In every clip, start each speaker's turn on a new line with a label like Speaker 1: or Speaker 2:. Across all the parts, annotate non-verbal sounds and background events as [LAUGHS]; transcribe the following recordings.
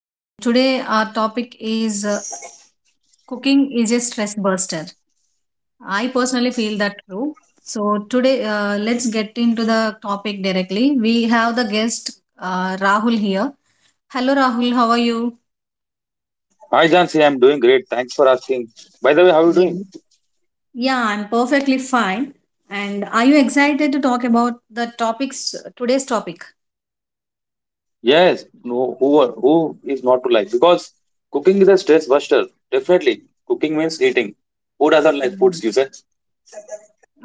Speaker 1: And today, our topic is cooking is a stress buster. I personally feel that true. So, today, let's get into the topic directly. We have the guest, Rahul, here. Hello, Rahul. How are you?
Speaker 2: Hi, Jansi. I'm doing great. Thanks for asking. By the way, how are you
Speaker 1: Yeah.
Speaker 2: doing?
Speaker 1: Yeah, I'm perfectly fine. And are you excited to talk about the topics, today's topic?
Speaker 2: Yes. No, who is not to like? Because cooking is a stress buster. Definitely, cooking means eating. Who doesn't like foods? You say?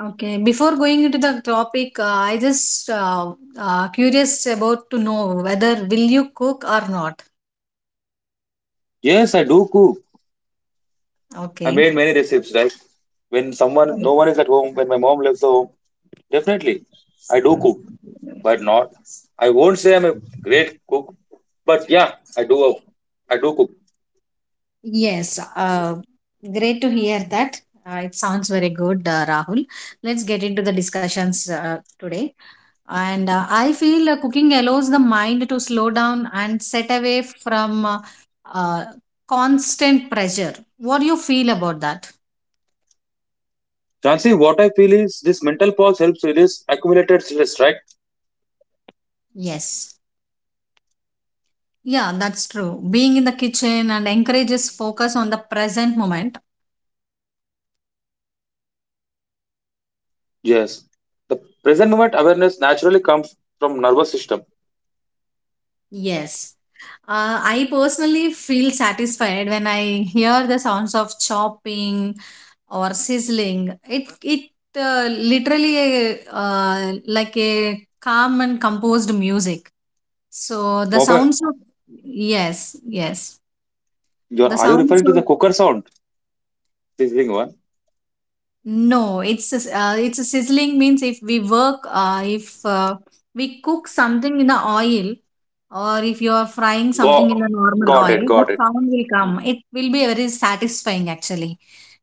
Speaker 1: Okay, before going into the topic, I just curious about to know whether will you cook or not.
Speaker 2: Yes, I do cook. I
Speaker 1: Okay.
Speaker 2: made many recipes, right? When someone,
Speaker 1: Oh.
Speaker 2: no one is at home. When my mom lives home, definitely, I do cook. But not. I won't say I'm a great cook. But yeah, I do. I do cook.
Speaker 1: Yes, great to hear that. It sounds very good, Rahul. Let's get into the discussions today. And I feel cooking allows the mind to slow down and set away from uh, constant pressure. What do you feel about that?
Speaker 2: Jansi, what I feel is this mental pause helps release accumulated stress, right?
Speaker 1: Yes. Yeah, that's true. Being in the kitchen and encourages focus on the present moment.
Speaker 2: Yes, the present moment awareness naturally comes from nervous system.
Speaker 1: Yes. I personally feel satisfied when I hear the sounds of chopping or sizzling. It literally like a calm and composed music. So the
Speaker 2: Bopa,
Speaker 1: sounds of yes, yes.
Speaker 2: you are,
Speaker 1: The
Speaker 2: are you
Speaker 1: sounds
Speaker 2: referring to the
Speaker 1: of
Speaker 2: cooker sound? This thing one.
Speaker 1: no, it's a, it's a sizzling means if we work, if we cook something in the oil, or if you are frying something
Speaker 2: Go,
Speaker 1: in the normal
Speaker 2: Got it,
Speaker 1: oil, the
Speaker 2: got it.
Speaker 1: sound will come. It will be very satisfying actually.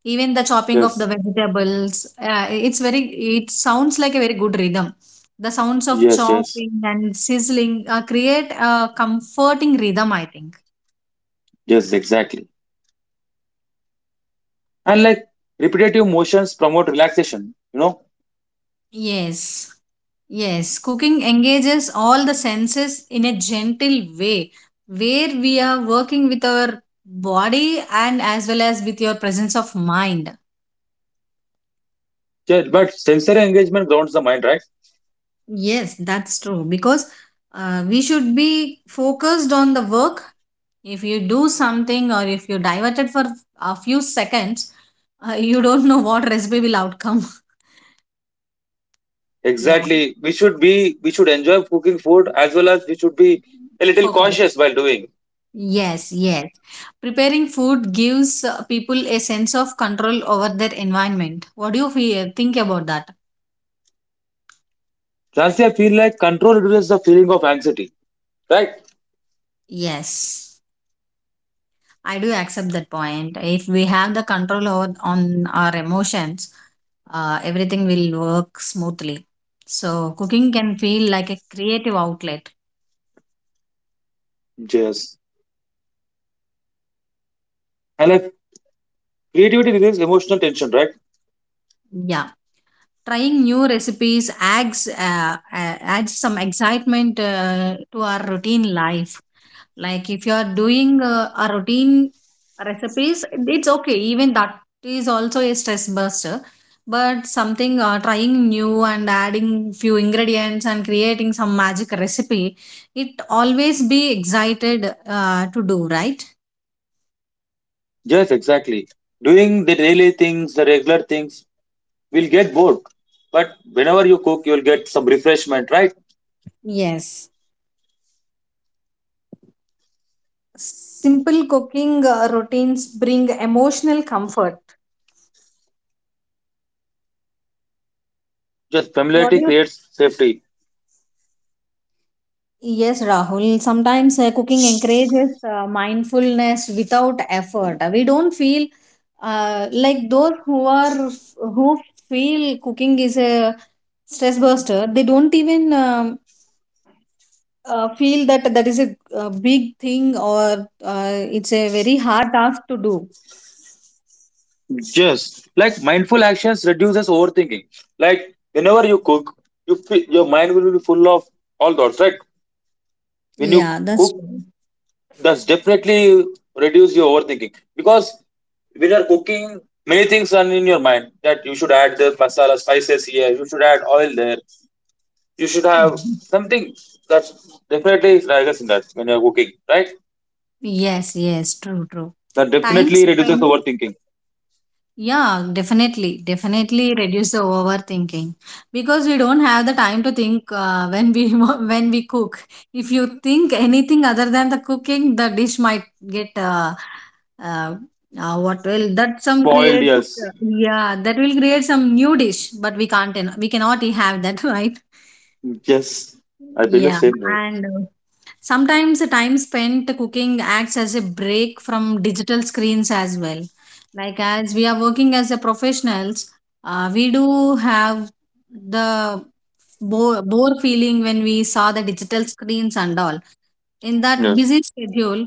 Speaker 1: Even the chopping of
Speaker 2: Yes,
Speaker 1: the vegetables, it's very. It sounds like a very good rhythm. The sounds of
Speaker 2: yes, yes,
Speaker 1: chopping and sizzling create a comforting rhythm, I think.
Speaker 2: yes, exactly. And like repetitive motions promote relaxation.
Speaker 1: Yes. Yes, cooking engages all the senses in a gentle way where we are working with our body and as well as with your presence of mind.
Speaker 2: Yeah, but sensory engagement grounds the mind, right?
Speaker 1: Yes, that's true because we should be focused on the work. If you do something or if you divert it for a few seconds, you don't know what recipe will outcome. [LAUGHS] Yeah,
Speaker 2: Exactly. We should enjoy cooking food as well as we should be a little
Speaker 1: focus.
Speaker 2: cautious while doing.
Speaker 1: Yes, yes. Preparing food gives people a sense of control over their environment. What do you feel, think about that?
Speaker 2: Lastly, I feel like control reduces the feeling of anxiety, right?
Speaker 1: Yes, I do accept that point. If we have the control over on our emotions, everything will work smoothly. So cooking can feel like a creative outlet.
Speaker 2: Yes. and I Creativity removes emotional tension, right?
Speaker 1: Yeah, trying new recipes adds some excitement to our routine life. Like if you are doing a routine recipes, it's okay. Even that is also a stress buster. But something trying new and adding few ingredients and creating some magic recipe, it always be excited to do, right?
Speaker 2: Yes, exactly. Doing the daily things, the regular things, will get bored. But whenever you cook, you'll get some refreshment, right?
Speaker 1: Yes. Simple cooking routines bring emotional comfort.
Speaker 2: Just
Speaker 1: What
Speaker 2: familiarity
Speaker 1: do you
Speaker 2: creates safety.
Speaker 1: yes, Rahul. Sometimes cooking encourages mindfulness without effort. We don't feel like those who are who feel cooking is a stress buster. They don't even feel that that is a, big thing or it's a very hard task to do.
Speaker 2: Yes, like mindful actions reduces overthinking. Like whenever you cook, you feel, your mind will be full of all thoughts, right? When you
Speaker 1: Yeah, that's
Speaker 2: cook,
Speaker 1: true.
Speaker 2: that's definitely reduce your overthinking because when you're cooking, many things are in your mind that you should add the masala spices here, you should add oil there. You should have something that definitely is rigorous in that when you're cooking, right?
Speaker 1: [LAUGHS] Yes, yes, true, true.
Speaker 2: That
Speaker 1: Time
Speaker 2: definitely reduces
Speaker 1: spent
Speaker 2: overthinking.
Speaker 1: yeah, definitely. Definitely reduce the overthinking because we don't have the time to think when we [LAUGHS] when we cook. If you think anything other than the cooking, the dish might get uh, what will that some
Speaker 2: Spoiled,
Speaker 1: create?
Speaker 2: yes.
Speaker 1: Yeah, that will create some new dish, but we can't we cannot have that, [LAUGHS] right?
Speaker 2: Yes. I feel the
Speaker 1: Yeah,
Speaker 2: same way.
Speaker 1: and sometimes the time spent cooking acts as a break from digital screens as well. Like as we are working as a professionals, we do have the bore feeling when we saw the digital screens and all. In that
Speaker 2: Yes.
Speaker 1: busy schedule,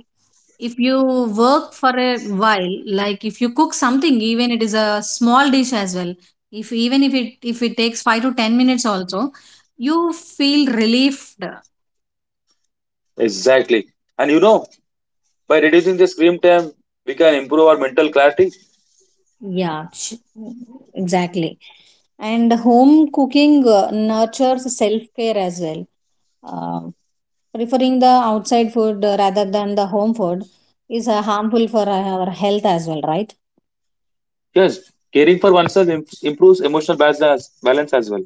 Speaker 1: if you work for a while like if you cook something even it is a small dish as well if even if it takes 5 to 10 minutes also you feel relieved.
Speaker 2: Exactly. And by reducing the screen time, we can improve our mental clarity.
Speaker 1: Yeah, exactly. And home cooking nurtures self care as well. Uh, Preferring the outside food rather than the home food is harmful for our health as well, right?
Speaker 2: Yes. Caring for oneself improves emotional balance as well.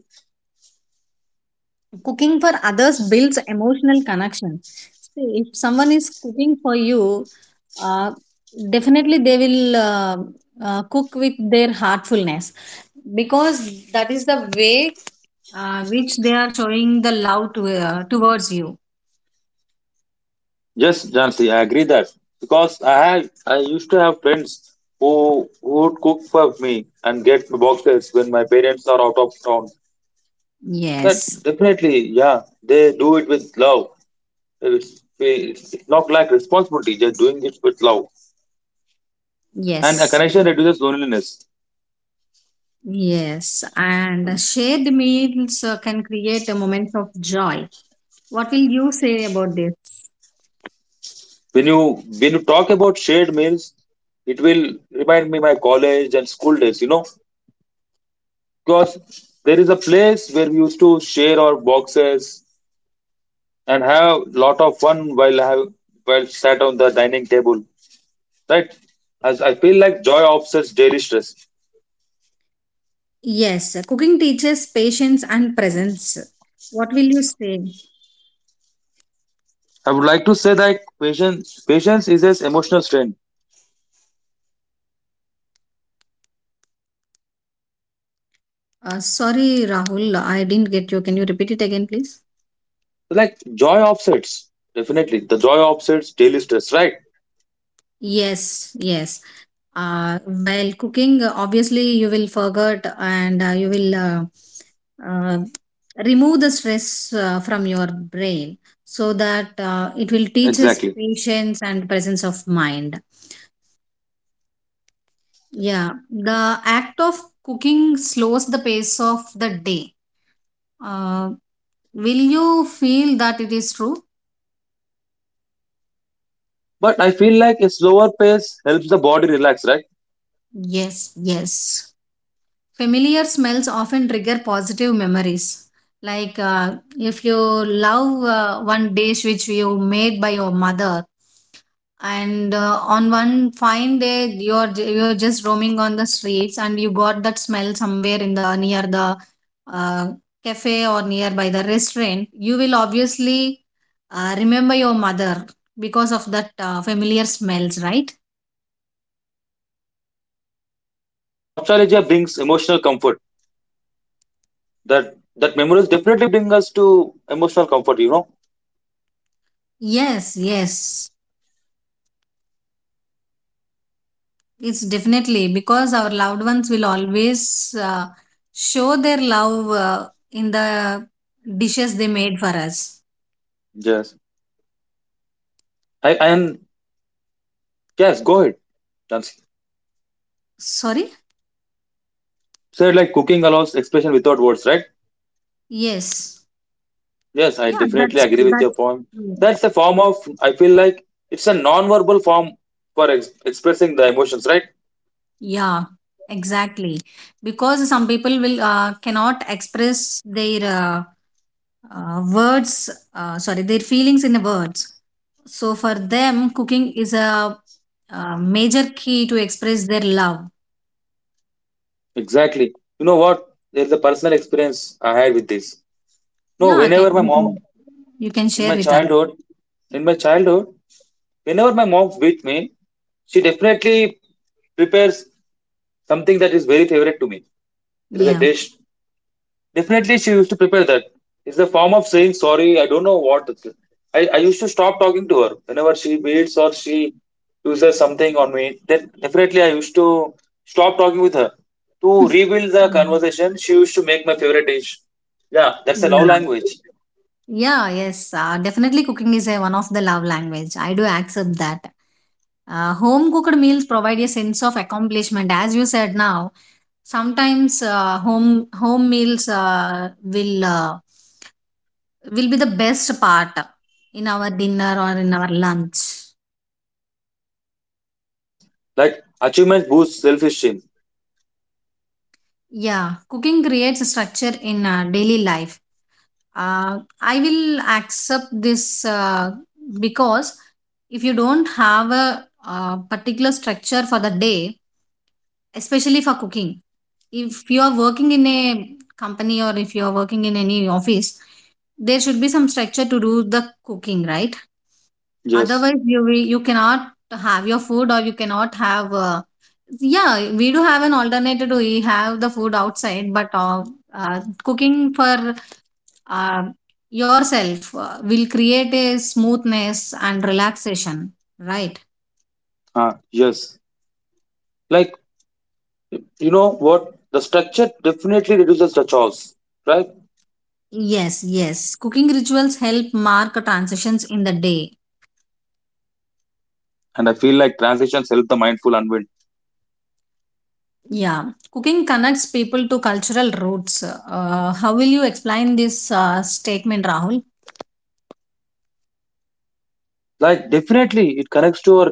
Speaker 1: Cooking for others builds emotional connection. See, if someone is cooking for you, uh, definitely they will cook with their heartfulness because that is the way which they are showing the love to, towards you.
Speaker 2: Yes, Jansi, I agree that. Because I used to have friends who would cook for me and get me boxes when my parents are out of town. That
Speaker 1: Yes,
Speaker 2: definitely, yeah, they do it with love. It's not like responsibility; they're doing it with love, and a
Speaker 1: yes,
Speaker 2: connection reduces loneliness.
Speaker 1: yes. And shared meals can create a moment of joy. What will you say about this?
Speaker 2: When you talk about shared meals, it will remind me my college and school days. Because there is a place where we used to share our boxes and have lot of fun while sat on the dining table, right? As I feel like joy offsets daily stress.
Speaker 1: Yes, cooking teaches patience and presence. What will you say?
Speaker 2: I would like to say that patience is an emotional strength.
Speaker 1: Sorry, Rahul, I didn't get you. Can you repeat it again, please?
Speaker 2: Like joy offsets Definitely, the joy offsets daily stress, right?
Speaker 1: Yes, yes. While cooking, obviously, you will forget and you will uh, remove the stress from your brain so that it will teach us
Speaker 2: Exactly,
Speaker 1: patience and presence of mind. Yeah, the act of cooking slows the pace of the day. Uh, Will you feel that it is true?
Speaker 2: but I feel like a slower pace helps the body relax, right?
Speaker 1: Yes, yes. Familiar smells often trigger positive memories. Like if you love one dish which you made by your mother, and on one fine day you're just roaming on the streets and you got that smell somewhere in the near the uh, cafe or nearby the restaurant you will obviously remember your mother because of that familiar smells, right?
Speaker 2: Nostalgia brings emotional comfort. That memories definitely bring us to emotional comfort.
Speaker 1: Yes, yes. It's definitely because our loved ones will always show their love in the dishes they made for us.
Speaker 2: Yes, I and yes, go ahead, Chance.
Speaker 1: Sorry?
Speaker 2: Said like cooking allows expression without words, right?
Speaker 1: Yes.
Speaker 2: Yes, I
Speaker 1: Yeah,
Speaker 2: definitely agree with your
Speaker 1: that's
Speaker 2: point.
Speaker 1: true.
Speaker 2: That's a form of I feel like it's a non-verbal form for expressing the emotions, right?
Speaker 1: Yeah, exactly. Because some people will cannot express their words, sorry, their feelings in the words. So for them, cooking is a, major key to express their love.
Speaker 2: Exactly. You know what? There's a personal experience I had with this. No,
Speaker 1: Yeah, can
Speaker 2: whenever my
Speaker 1: you
Speaker 2: mom
Speaker 1: can
Speaker 2: in
Speaker 1: share
Speaker 2: my
Speaker 1: with us.
Speaker 2: childhood, in my childhood, whenever my mom beat me, she definitely prepares something that is very favorite to me. There is a
Speaker 1: Yeah.
Speaker 2: dish. Definitely, she used to prepare that. It's a form of saying sorry. I don't know what. I used to stop talking to her whenever she beats or she uses something on me. Then definitely, I used to stop talking with her to rebuild the
Speaker 1: Yeah.
Speaker 2: conversation. She used to make my favorite dish. Yeah, that's a love
Speaker 1: Yeah.
Speaker 2: language.
Speaker 1: Yeah, yes. Definitely cooking is a one of the love language. I do accept that. Home cooked meals provide a sense of accomplishment. As you said now, sometimes home meals will be the best part in our dinner or in our lunch.
Speaker 2: Yes. Like achievement boosts self esteem.
Speaker 1: Yeah, cooking creates a structure in daily life. I will accept this, because if you don't have a, particular structure for the day, especially for cooking, if you are working in a company or if you are working in any office, there should be some structure to do the cooking, right?
Speaker 2: Yes.
Speaker 1: Otherwise you will, you cannot have your food or you cannot have, yeah, we do have an alternative to we have the food outside, but cooking for uh, yourself will create a smoothness and relaxation, right?
Speaker 2: Ah, yes. Like, you know what? The structure definitely reduces the chores, right?
Speaker 1: Yes, yes. Cooking rituals help mark transitions in the day.
Speaker 2: And I feel like transitions help the mindful unwind.
Speaker 1: Yeah, cooking connects people to cultural roots. How will you explain this statement, Rahul?
Speaker 2: Like definitely, it connects to our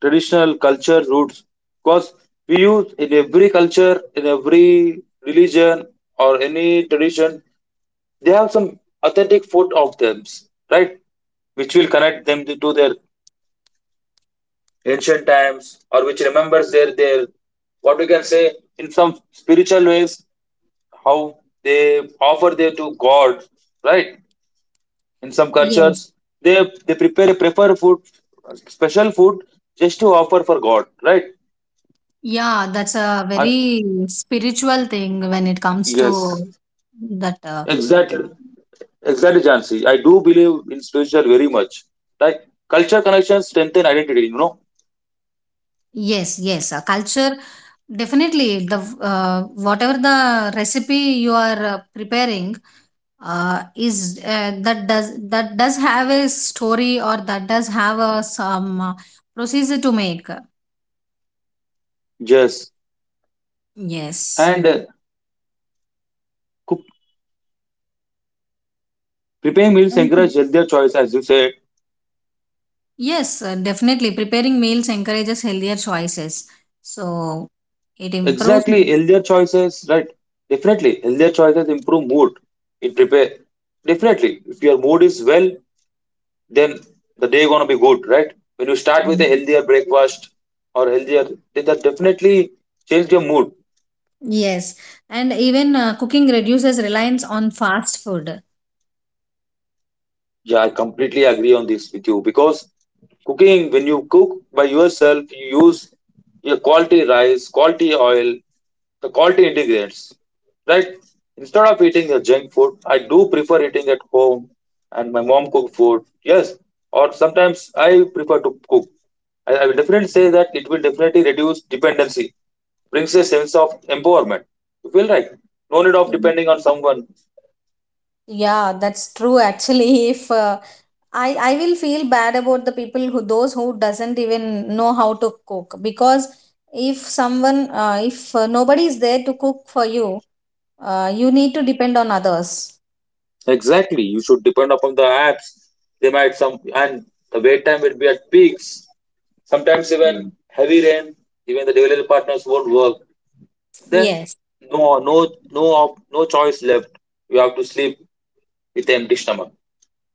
Speaker 2: traditional culture roots because we use in every culture, in every religion or any tradition, they have some authentic food of them, right? Which will connect them to their ancient times or which remembers their what we can say in some spiritual ways how they offer their to God, right? In some cultures,
Speaker 1: Yes.
Speaker 2: they they prepare a prefer food, special food, just to offer for God, right?
Speaker 1: Yeah, that's a
Speaker 2: I
Speaker 1: very spiritual thing when it comes
Speaker 2: Yes,
Speaker 1: to that.
Speaker 2: exactly, exactly, Jansi, I do believe in spiritual very much. Like, culture connections strengthen identity.
Speaker 1: Yes, yes. Culture definitely the whatever the recipe you are preparing is that does have a story or that does have a some procedure to make.
Speaker 2: Yes,
Speaker 1: Yes.
Speaker 2: and cook, preparing meals
Speaker 1: And
Speaker 2: encourage healthier choices, as you said.
Speaker 1: yes, definitely preparing meals encourages healthier choices, so it improves.
Speaker 2: Exactly, healthier choices, right? Definitely, healthier choices improve mood. It prepare Definitely, if your mood is well, then the day gonna be good, right? When you start with a healthier breakfast or healthier, then that definitely change your mood.
Speaker 1: Yes, and even cooking reduces reliance on fast food.
Speaker 2: Yeah, I completely agree on this with you because cooking, when you cook by yourself, you use your quality rice, quality oil, the quality ingredients, right? Instead of eating the junk food, I do prefer eating at home and my mom cook food. Yes, or sometimes I prefer to cook. I will definitely say that it will definitely reduce dependency, brings a sense of empowerment. You feel right? No need of depending on someone.
Speaker 1: Yeah, that's true actually. [LAUGHS] If I I will feel bad about the people who those who doesn't even know how to cook, because if someone if nobody is there to cook for you, you need to depend on others.
Speaker 2: Exactly. You should depend upon the apps. They might some and the wait time will be at peaks. Sometimes
Speaker 1: Mm.
Speaker 2: even heavy rain, even the developer partners won't work. Then
Speaker 1: Yes,
Speaker 2: no, no, no, no choice left. You have to sleep with empty stomach.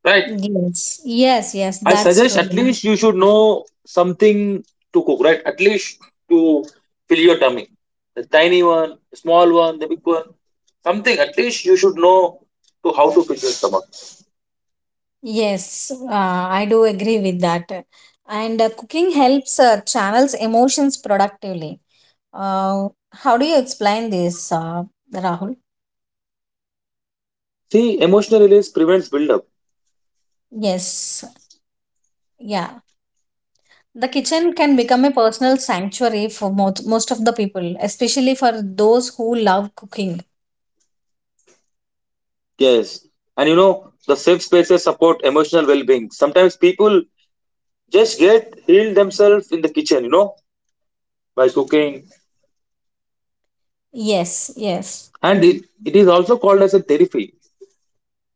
Speaker 2: Right?
Speaker 1: yes, yes, yes,
Speaker 2: I
Speaker 1: that's
Speaker 2: suggest at
Speaker 1: true.
Speaker 2: least you should know something to cook, right? At least to fill your tummy. The tiny one, the small one, the big one. Something at least you should know to how to fill your stomach.
Speaker 1: Yes, I do agree with that. And cooking helps channels emotions productively. Uh, how do you explain this, Rahul?
Speaker 2: See, emotional release prevents buildup.
Speaker 1: Yes. Yeah, the kitchen can become a personal sanctuary for most of the people, especially for those who love cooking.
Speaker 2: Yes. And the safe spaces support emotional well being. Sometimes people just get healed themselves in the kitchen, by cooking.
Speaker 1: Yes, yes.
Speaker 2: And it is also called as a therapy.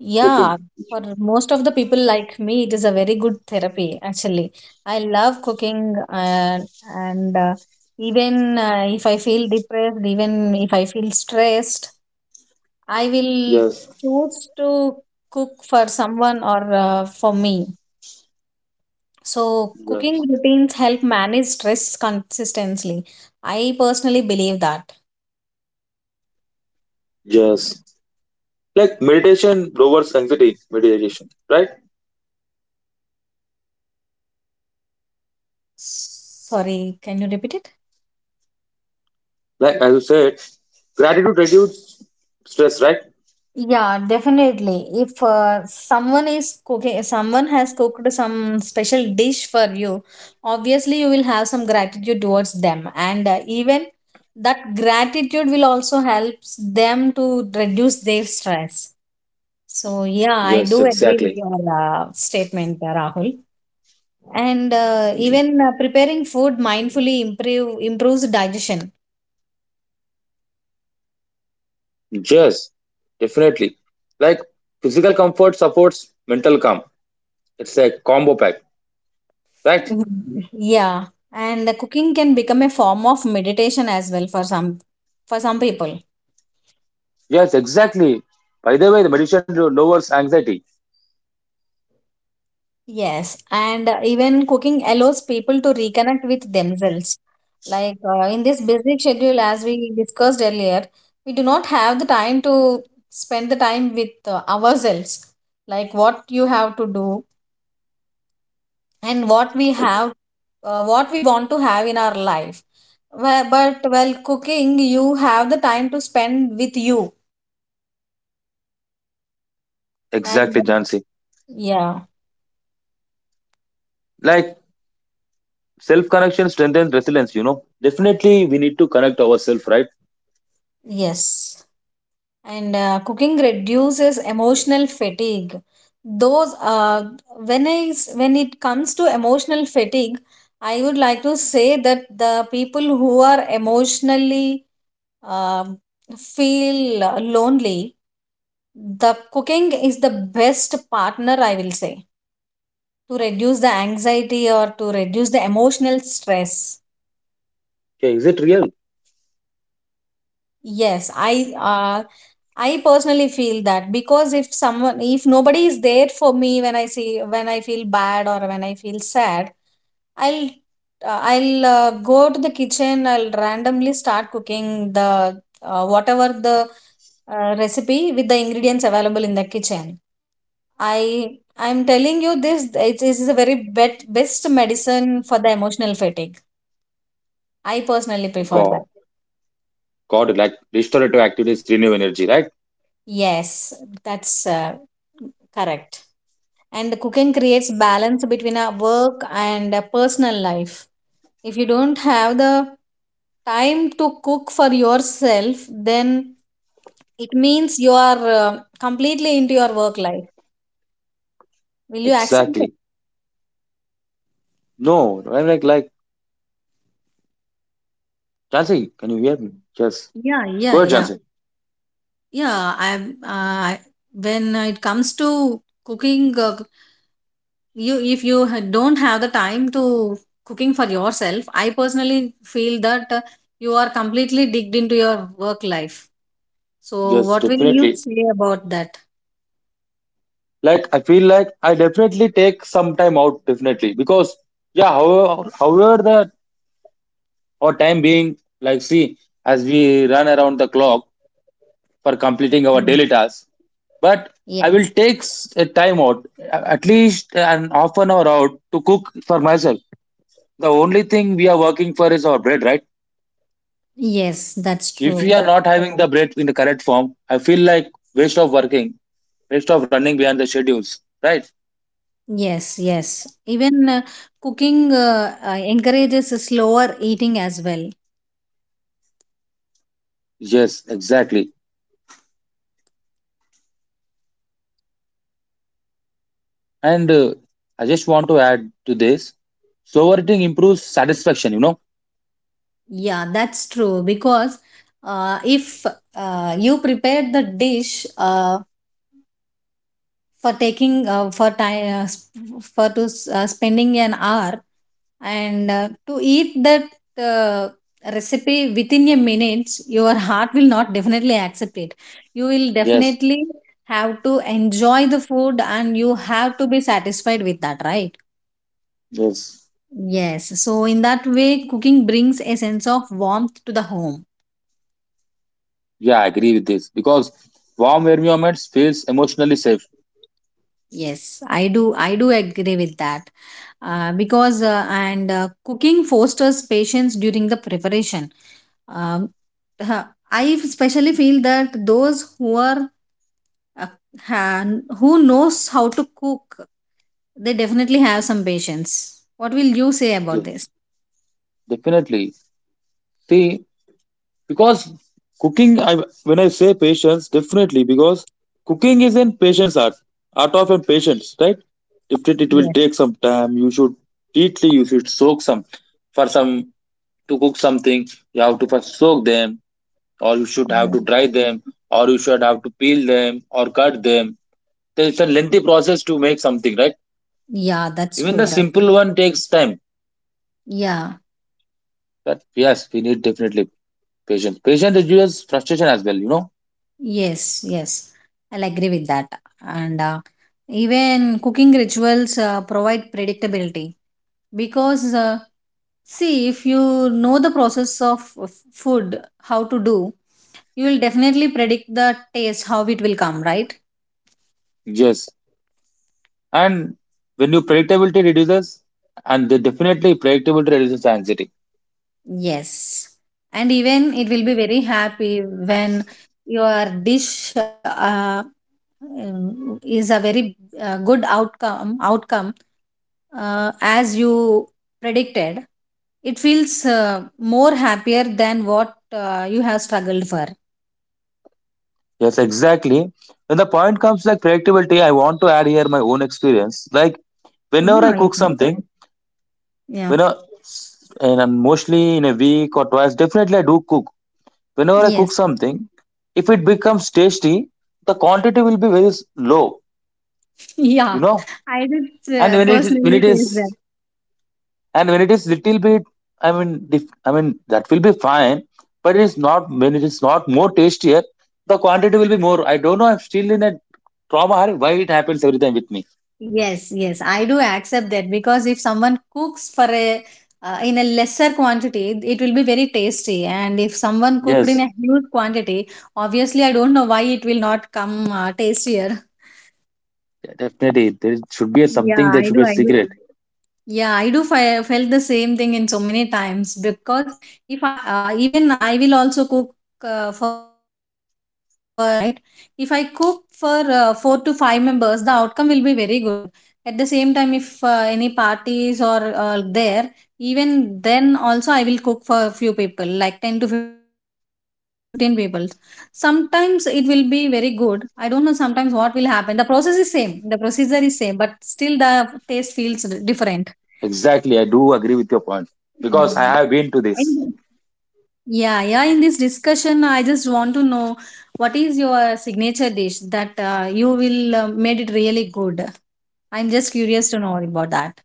Speaker 1: Yeah,
Speaker 2: Cooking.
Speaker 1: for most of the people like me, it is a very good therapy actually. I love cooking and even if I feel depressed, even if I feel stressed, I will
Speaker 2: Yes.
Speaker 1: choose to cook for someone or for me. So,
Speaker 2: Yes.
Speaker 1: cooking routines help manage stress consistently. I personally believe that.
Speaker 2: Yes. Like meditation lowers anxiety, meditation, right?
Speaker 1: Sorry, can you repeat it?
Speaker 2: Like as you said, gratitude reduces stress, right?
Speaker 1: Yeah, definitely. If someone is cooking, someone has cooked some special dish for you, obviously you will have some gratitude towards them, and even that gratitude will also helps them to reduce their stress. So yeah, I
Speaker 2: Yes,
Speaker 1: do agree with
Speaker 2: exactly.
Speaker 1: your statement, Rahul. And even preparing food mindfully improves digestion.
Speaker 2: Yes, definitely. Like physical comfort supports mental calm. It's a combo pack, right?
Speaker 1: Mhm. Yeah, and the cooking can become a form of meditation as well for some people.
Speaker 2: Yes, exactly. By the way, the meditation lowers anxiety.
Speaker 1: Yes, and even cooking allows people to reconnect with themselves. Like in this busy schedule, as we discussed earlier, we do not have the time to spend the time with ourselves. Like what you have to do, and what we
Speaker 2: E-
Speaker 1: have, what we want to have in our life. But while cooking you have the time to spend with you. And
Speaker 2: Exactly, Jansi.
Speaker 1: yeah,
Speaker 2: Like self connection strengthens resilience. Definitely, we need to connect ourselves, right?
Speaker 1: yes, and cooking reduces emotional fatigue. Those when it comes to emotional fatigue, I would like to say that the people who are emotionally um feel lonely. The cooking is the best partner, I will say, to reduce the anxiety or to reduce the emotional stress.
Speaker 2: Okay, is it real?
Speaker 1: Yes, uh, I personally feel that because if someone, if nobody is there for me, when I see, when I feel bad or when I feel sad, I'll, I'll go to the kitchen. I'll randomly start cooking the whatever the recipe with the ingredients available in the kitchen. I'm telling you this. It is a very best medicine for the emotional fatigue. I personally prefer that.
Speaker 2: God, God, like restorative activities renew energy, right?
Speaker 1: Yes, that's correct. And cooking creates balance between our work and a personal life. If you don't have the time to cook for yourself, then it means you are completely into your work life. Will you accept it?
Speaker 2: Exactly. No, I'm like, Jansi, can you hear me? Yes.
Speaker 1: Yeah,
Speaker 2: Go
Speaker 1: yeah,
Speaker 2: ahead,
Speaker 1: yeah,
Speaker 2: Jansi.
Speaker 1: yeah. I, when it comes to cooking. You, if you don't have the time to cooking for yourself, I personally feel that you are completely digged into your work life. So
Speaker 2: Yes,
Speaker 1: what will you
Speaker 2: definitely.
Speaker 1: say about that?
Speaker 2: Like, I feel like I definitely take some time out, definitely. Because, yeah, however, however the our time being, like, see, as we run around the clock for completing our
Speaker 1: Mm.
Speaker 2: daily tasks. But I will
Speaker 1: Yes,
Speaker 2: take a time out, at least an half an hour out to cook for myself. The only thing we are working for is our bread, right?
Speaker 1: yes, that's
Speaker 2: If we
Speaker 1: true.
Speaker 2: are not having the bread in the correct form, I feel like waste of working, waste of running behind the schedules, right?
Speaker 1: Yes, yes, even cooking encourages a slower eating as well.
Speaker 2: Yes, exactly. And I just want to add to this slower eating improves satisfaction, you know?
Speaker 1: Yeah, that's true, because if you prepare the dish for taking, for time, for spending an hour, and to eat that uh, recipe within a minute, your heart will not definitely accept it. You will
Speaker 2: Yes,
Speaker 1: definitely have to enjoy the food, and you have to be satisfied with that, right?
Speaker 2: yes.
Speaker 1: Yes, so in that way cooking brings a sense of warmth to the home.
Speaker 2: Yeah, I agree with this because warm environments feels emotionally safe.
Speaker 1: Yes, I do. I do agree with that, because and cooking fosters patience during the preparation. Um, huh, I especially feel that those who are uh, who knows how to cook, they definitely have some patience. What will you say about this?
Speaker 2: Yes, definitely. See, because cooking, when I say patience, definitely because cooking is in patience art, art of and patience, right? If it will
Speaker 1: Yes.
Speaker 2: take some time, you should soak some for some to cook something. You have to first soak them, or you should have to
Speaker 1: Yes.
Speaker 2: dry them, or you should have to peel them or cut them. It's a lengthy process to make something, right?
Speaker 1: Yeah, that's
Speaker 2: Even
Speaker 1: true.
Speaker 2: the
Speaker 1: That's
Speaker 2: simple one takes time.
Speaker 1: yeah,
Speaker 2: That, yes, we need definitely patience. Patience reduces frustration as well.
Speaker 1: yes, yes. I'll agree with that. And even cooking rituals provide predictability. Because see, if you know the process of food, how to do, you will definitely predict the taste how it will come, right?
Speaker 2: Yes. And when you predictability reduces, and they definitely predictability reduces anxiety.
Speaker 1: Yes, and even it will be very happy when your dish is a very good outcome, as you predicted. It feels more happier than what you have struggled for.
Speaker 2: Yes, exactly. When the point comes like predictability, I want to add here my own experience. Like
Speaker 1: Yeah, you
Speaker 2: whenever I
Speaker 1: can.
Speaker 2: cook something,
Speaker 1: Yeah,
Speaker 2: when I, and I'm mostly in a week or twice, definitely I do cook. Whenever I cook
Speaker 1: yes.
Speaker 2: something, if it becomes tasty, the quantity will be very low, you
Speaker 1: Yeah,
Speaker 2: know.
Speaker 1: I did
Speaker 2: And when it when
Speaker 1: personally
Speaker 2: it
Speaker 1: say
Speaker 2: is,
Speaker 1: that.
Speaker 2: and when it is little bit, I mean that will be fine. But it is not, when it is not more tastier, the quantity will be more. I don't know, I'm still in a trauma hurry, why it happens every time with me.
Speaker 1: Yes, yes, I do accept that because if someone cooks for a, in a lesser quantity, it will be very tasty. And if someone cooked
Speaker 2: Yes,
Speaker 1: in a huge quantity, obviously, I don't know why it will not come tastier.
Speaker 2: definitely, there should be a
Speaker 1: Yeah,
Speaker 2: something, there
Speaker 1: I
Speaker 2: should
Speaker 1: do,
Speaker 2: be a
Speaker 1: I do.
Speaker 2: secret.
Speaker 1: Yeah, I felt the same thing in so many times, because if I, even I will also cook for my family members and all, right. If I cook for four to five members, the outcome will be very good. At the same time, if any parties or there, even then also I will cook for a few people, like 10 to 15 people. Sometimes it will be very good. I don't know sometimes what will happen. The process is same, the procedure is same, but still the taste feels different.
Speaker 2: Exactly. I do agree with your point because I have been to
Speaker 1: And
Speaker 2: this.
Speaker 1: yeah, yeah, in this discussion, I just want to know what is your signature dish that you will made it really good. I'm just curious to know about that.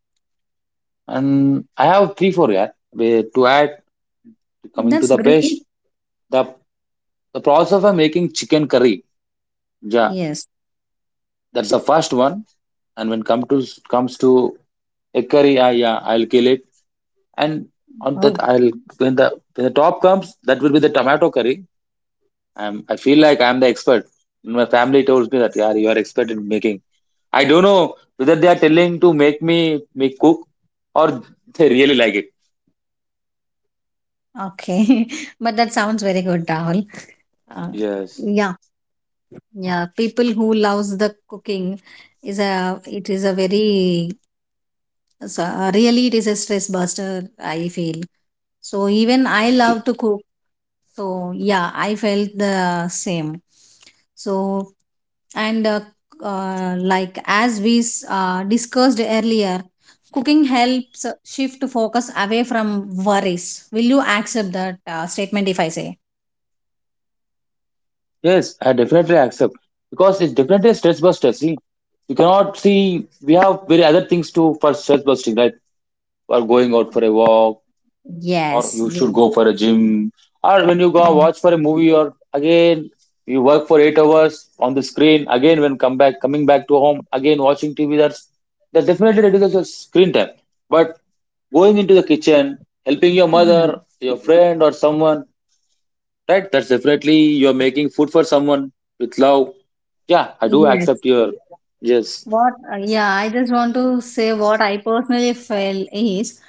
Speaker 2: And I have three four, yeah. Where to add, coming to
Speaker 1: That's
Speaker 2: the
Speaker 1: great.
Speaker 2: best, the the process of making chicken curry, yeah,
Speaker 1: Yes.
Speaker 2: that's the first one. And when comes to a curry. Yeah, yeah, I'll kill it, and on
Speaker 1: Oh,
Speaker 2: that I'll when the when the top comes, that will be the tomato curry. I feel like I'm the expert. My family tells me that yeah, you are expert in making. I don't know whether they are telling to make me make cook or [LAUGHS] they really like it.
Speaker 1: okay. [LAUGHS] But that sounds very good, Rahul. Uh,
Speaker 2: Yes,
Speaker 1: yeah, yeah. People who loves the cooking is a, it is a very so, really it is a stress buster, I feel. So even I love to cook. So, yeah, I felt the same. So, and like as we discussed earlier, cooking helps shift focus away from worries. Will you accept that statement if I say?
Speaker 2: yes, I definitely accept because it's definitely a stress buster. See, you cannot see we have very other things to for stress busting, right? For going out for a walk, or
Speaker 1: Yes,
Speaker 2: you should
Speaker 1: yes,
Speaker 2: go for a gym, or when you go
Speaker 1: yes,
Speaker 2: watch for a movie, or again you work for 8 hours on the screen, again when come back coming back to home, again watching TV. That definitely reduces your screen time. But going into the kitchen, helping your
Speaker 1: yeah.
Speaker 2: mother, your friend or someone, right? That's definitely you're making food for someone with love. Yeah, I do
Speaker 1: Yes.
Speaker 2: accept your. Yes,
Speaker 1: What, yeah, I just want to say what I personally felt is,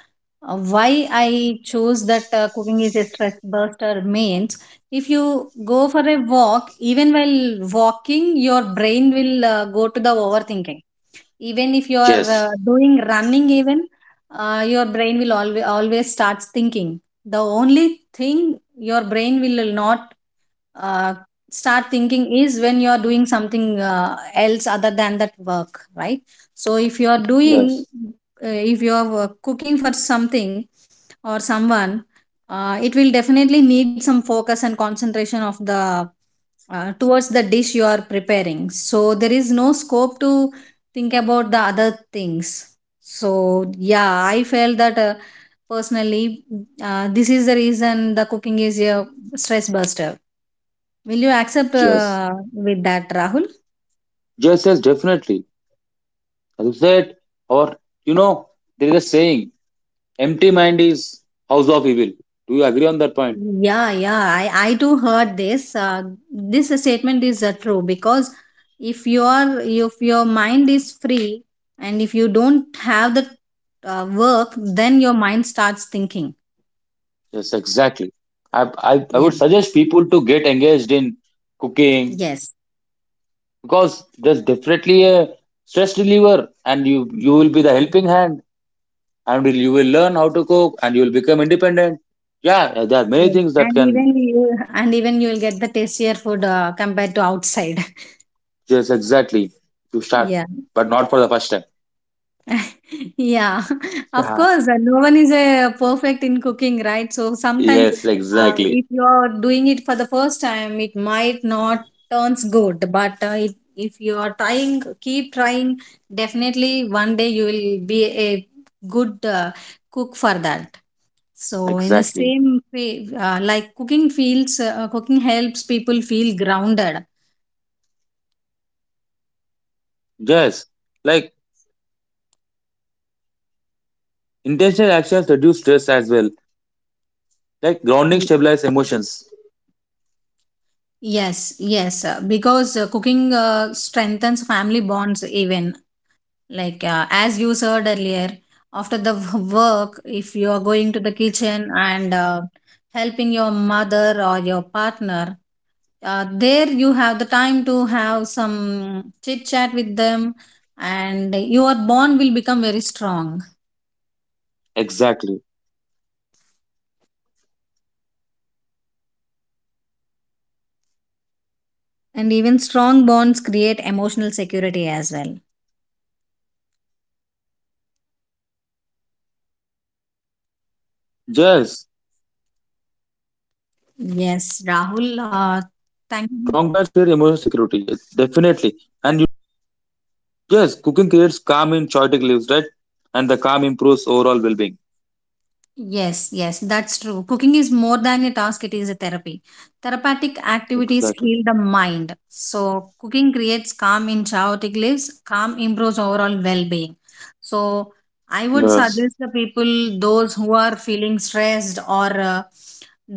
Speaker 1: why I chose that cooking is a stress buster means, if you go for a walk, even while walking, your brain will go to the overthinking. Even if you are
Speaker 2: yes,
Speaker 1: doing running, even your brain will always starts thinking. The only thing your brain will not uh, start thinking is when you are doing something else other than that work, right? So if you are
Speaker 2: yes,
Speaker 1: doing, if you are cooking for something or someone, it will definitely need some focus and concentration of the, towards the dish you are preparing. So there is no scope to think about the other things. So yeah, I felt that, personally, this is the reason the cooking is a stress buster. Will you accept
Speaker 2: yes,
Speaker 1: with that, Rahul?
Speaker 2: yes, yes, definitely, as you said. Or you know there is a saying, "Empty mind is house of evil." Do you agree on that point?
Speaker 1: Yeah, yeah, I too heard this. This statement is true, because if you are, if your mind is free, and if you don't have the work, then your mind starts thinking.
Speaker 2: Yes, exactly. I
Speaker 1: Yeah.
Speaker 2: would suggest people to get engaged in cooking
Speaker 1: Yes.
Speaker 2: because there's definitely a stress reliever, and you will be the helping hand, and you will learn how to cook, and you will become independent. Yeah, yeah, there are many
Speaker 1: Yes.
Speaker 2: things that
Speaker 1: And even
Speaker 2: can.
Speaker 1: you, and even you will get the tastier food compared to outside. [LAUGHS]
Speaker 2: Yes, exactly. To start,
Speaker 1: Yeah.
Speaker 2: but not for the first time.
Speaker 1: [LAUGHS] Yeah, [LAUGHS] of
Speaker 2: Yeah.
Speaker 1: course, no one is perfect in cooking, right? So sometimes,
Speaker 2: Yes, exactly.
Speaker 1: if you're doing it for the first time, it might not turns good, but it, if you are trying, keep trying, definitely one day you will be a good cook for that. So in the
Speaker 2: Exactly.
Speaker 1: same way, like cooking feels, cooking helps people feel grounded.
Speaker 2: Yes. Like intentional actions reduce stress as well. Like grounding
Speaker 1: Ye-
Speaker 2: stabilize emotions.
Speaker 1: Yes, yes, because cooking strengthens family bonds, even like, as you said earlier, after the work, if you are going to the kitchen and helping your mother or your partner, there you have the time to have some chit chat with them, and your bond will become very strong.
Speaker 2: Exactly.
Speaker 1: And even strong bonds create emotional security as well.
Speaker 2: Yes.
Speaker 1: Yes,
Speaker 2: Strong beds create
Speaker 1: Rahul,
Speaker 2: emotional security. Yes,
Speaker 1: thank
Speaker 2: definitely.
Speaker 1: you.
Speaker 2: And cooking creates calm in chaotic lives, right? And the calm improves overall well being.
Speaker 1: Yes, yes, that's true. Cooking is more than a task, it is a therapy. Therapeutic activities heal
Speaker 2: Exactly.
Speaker 1: the mind. So, cooking creates calm in chaotic lives, calm improves overall well being. So, I would
Speaker 2: Yes.
Speaker 1: suggest the people, those who are feeling stressed or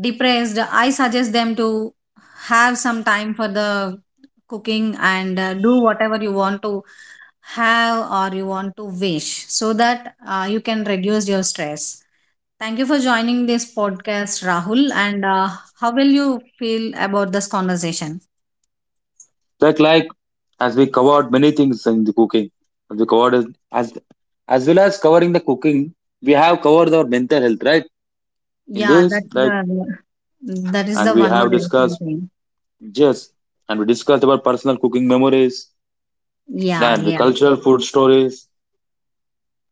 Speaker 1: depressed, I suggest them to have some time for the cooking, and do whatever you want to have or you want to wish, so that you can reduce your stress. Thank you for joining this podcast, Rahul. And how will you feel about this conversation?
Speaker 2: Like as we covered many things in the cooking. As we covered as as well as covering the cooking, we have covered our mental health, right? In
Speaker 1: Yeah,
Speaker 2: this,
Speaker 1: that's
Speaker 2: right?
Speaker 1: the, that is
Speaker 2: And
Speaker 1: the
Speaker 2: we
Speaker 1: one more
Speaker 2: have
Speaker 1: additional
Speaker 2: discussed,
Speaker 1: thing.
Speaker 2: yes, and we discussed about personal cooking memories
Speaker 1: Yeah,
Speaker 2: and the
Speaker 1: yeah.
Speaker 2: cultural food stories.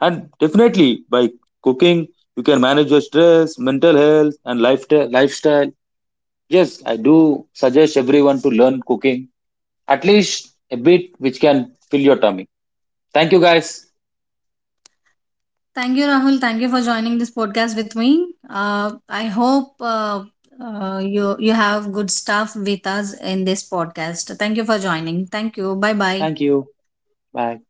Speaker 2: And definitely, by cooking, you can manage your stress, mental health, and lifestyle. Lifestyle. Yes, I do suggest everyone to learn cooking at least a bit, which can fill your tummy. Thank you, guys.
Speaker 1: Thank you, Rahul. Thank you for joining this podcast with me. I hope, you have good stuff with us in this podcast. Thank you for joining. Thank you. Bye bye.
Speaker 2: Thank you. Bye.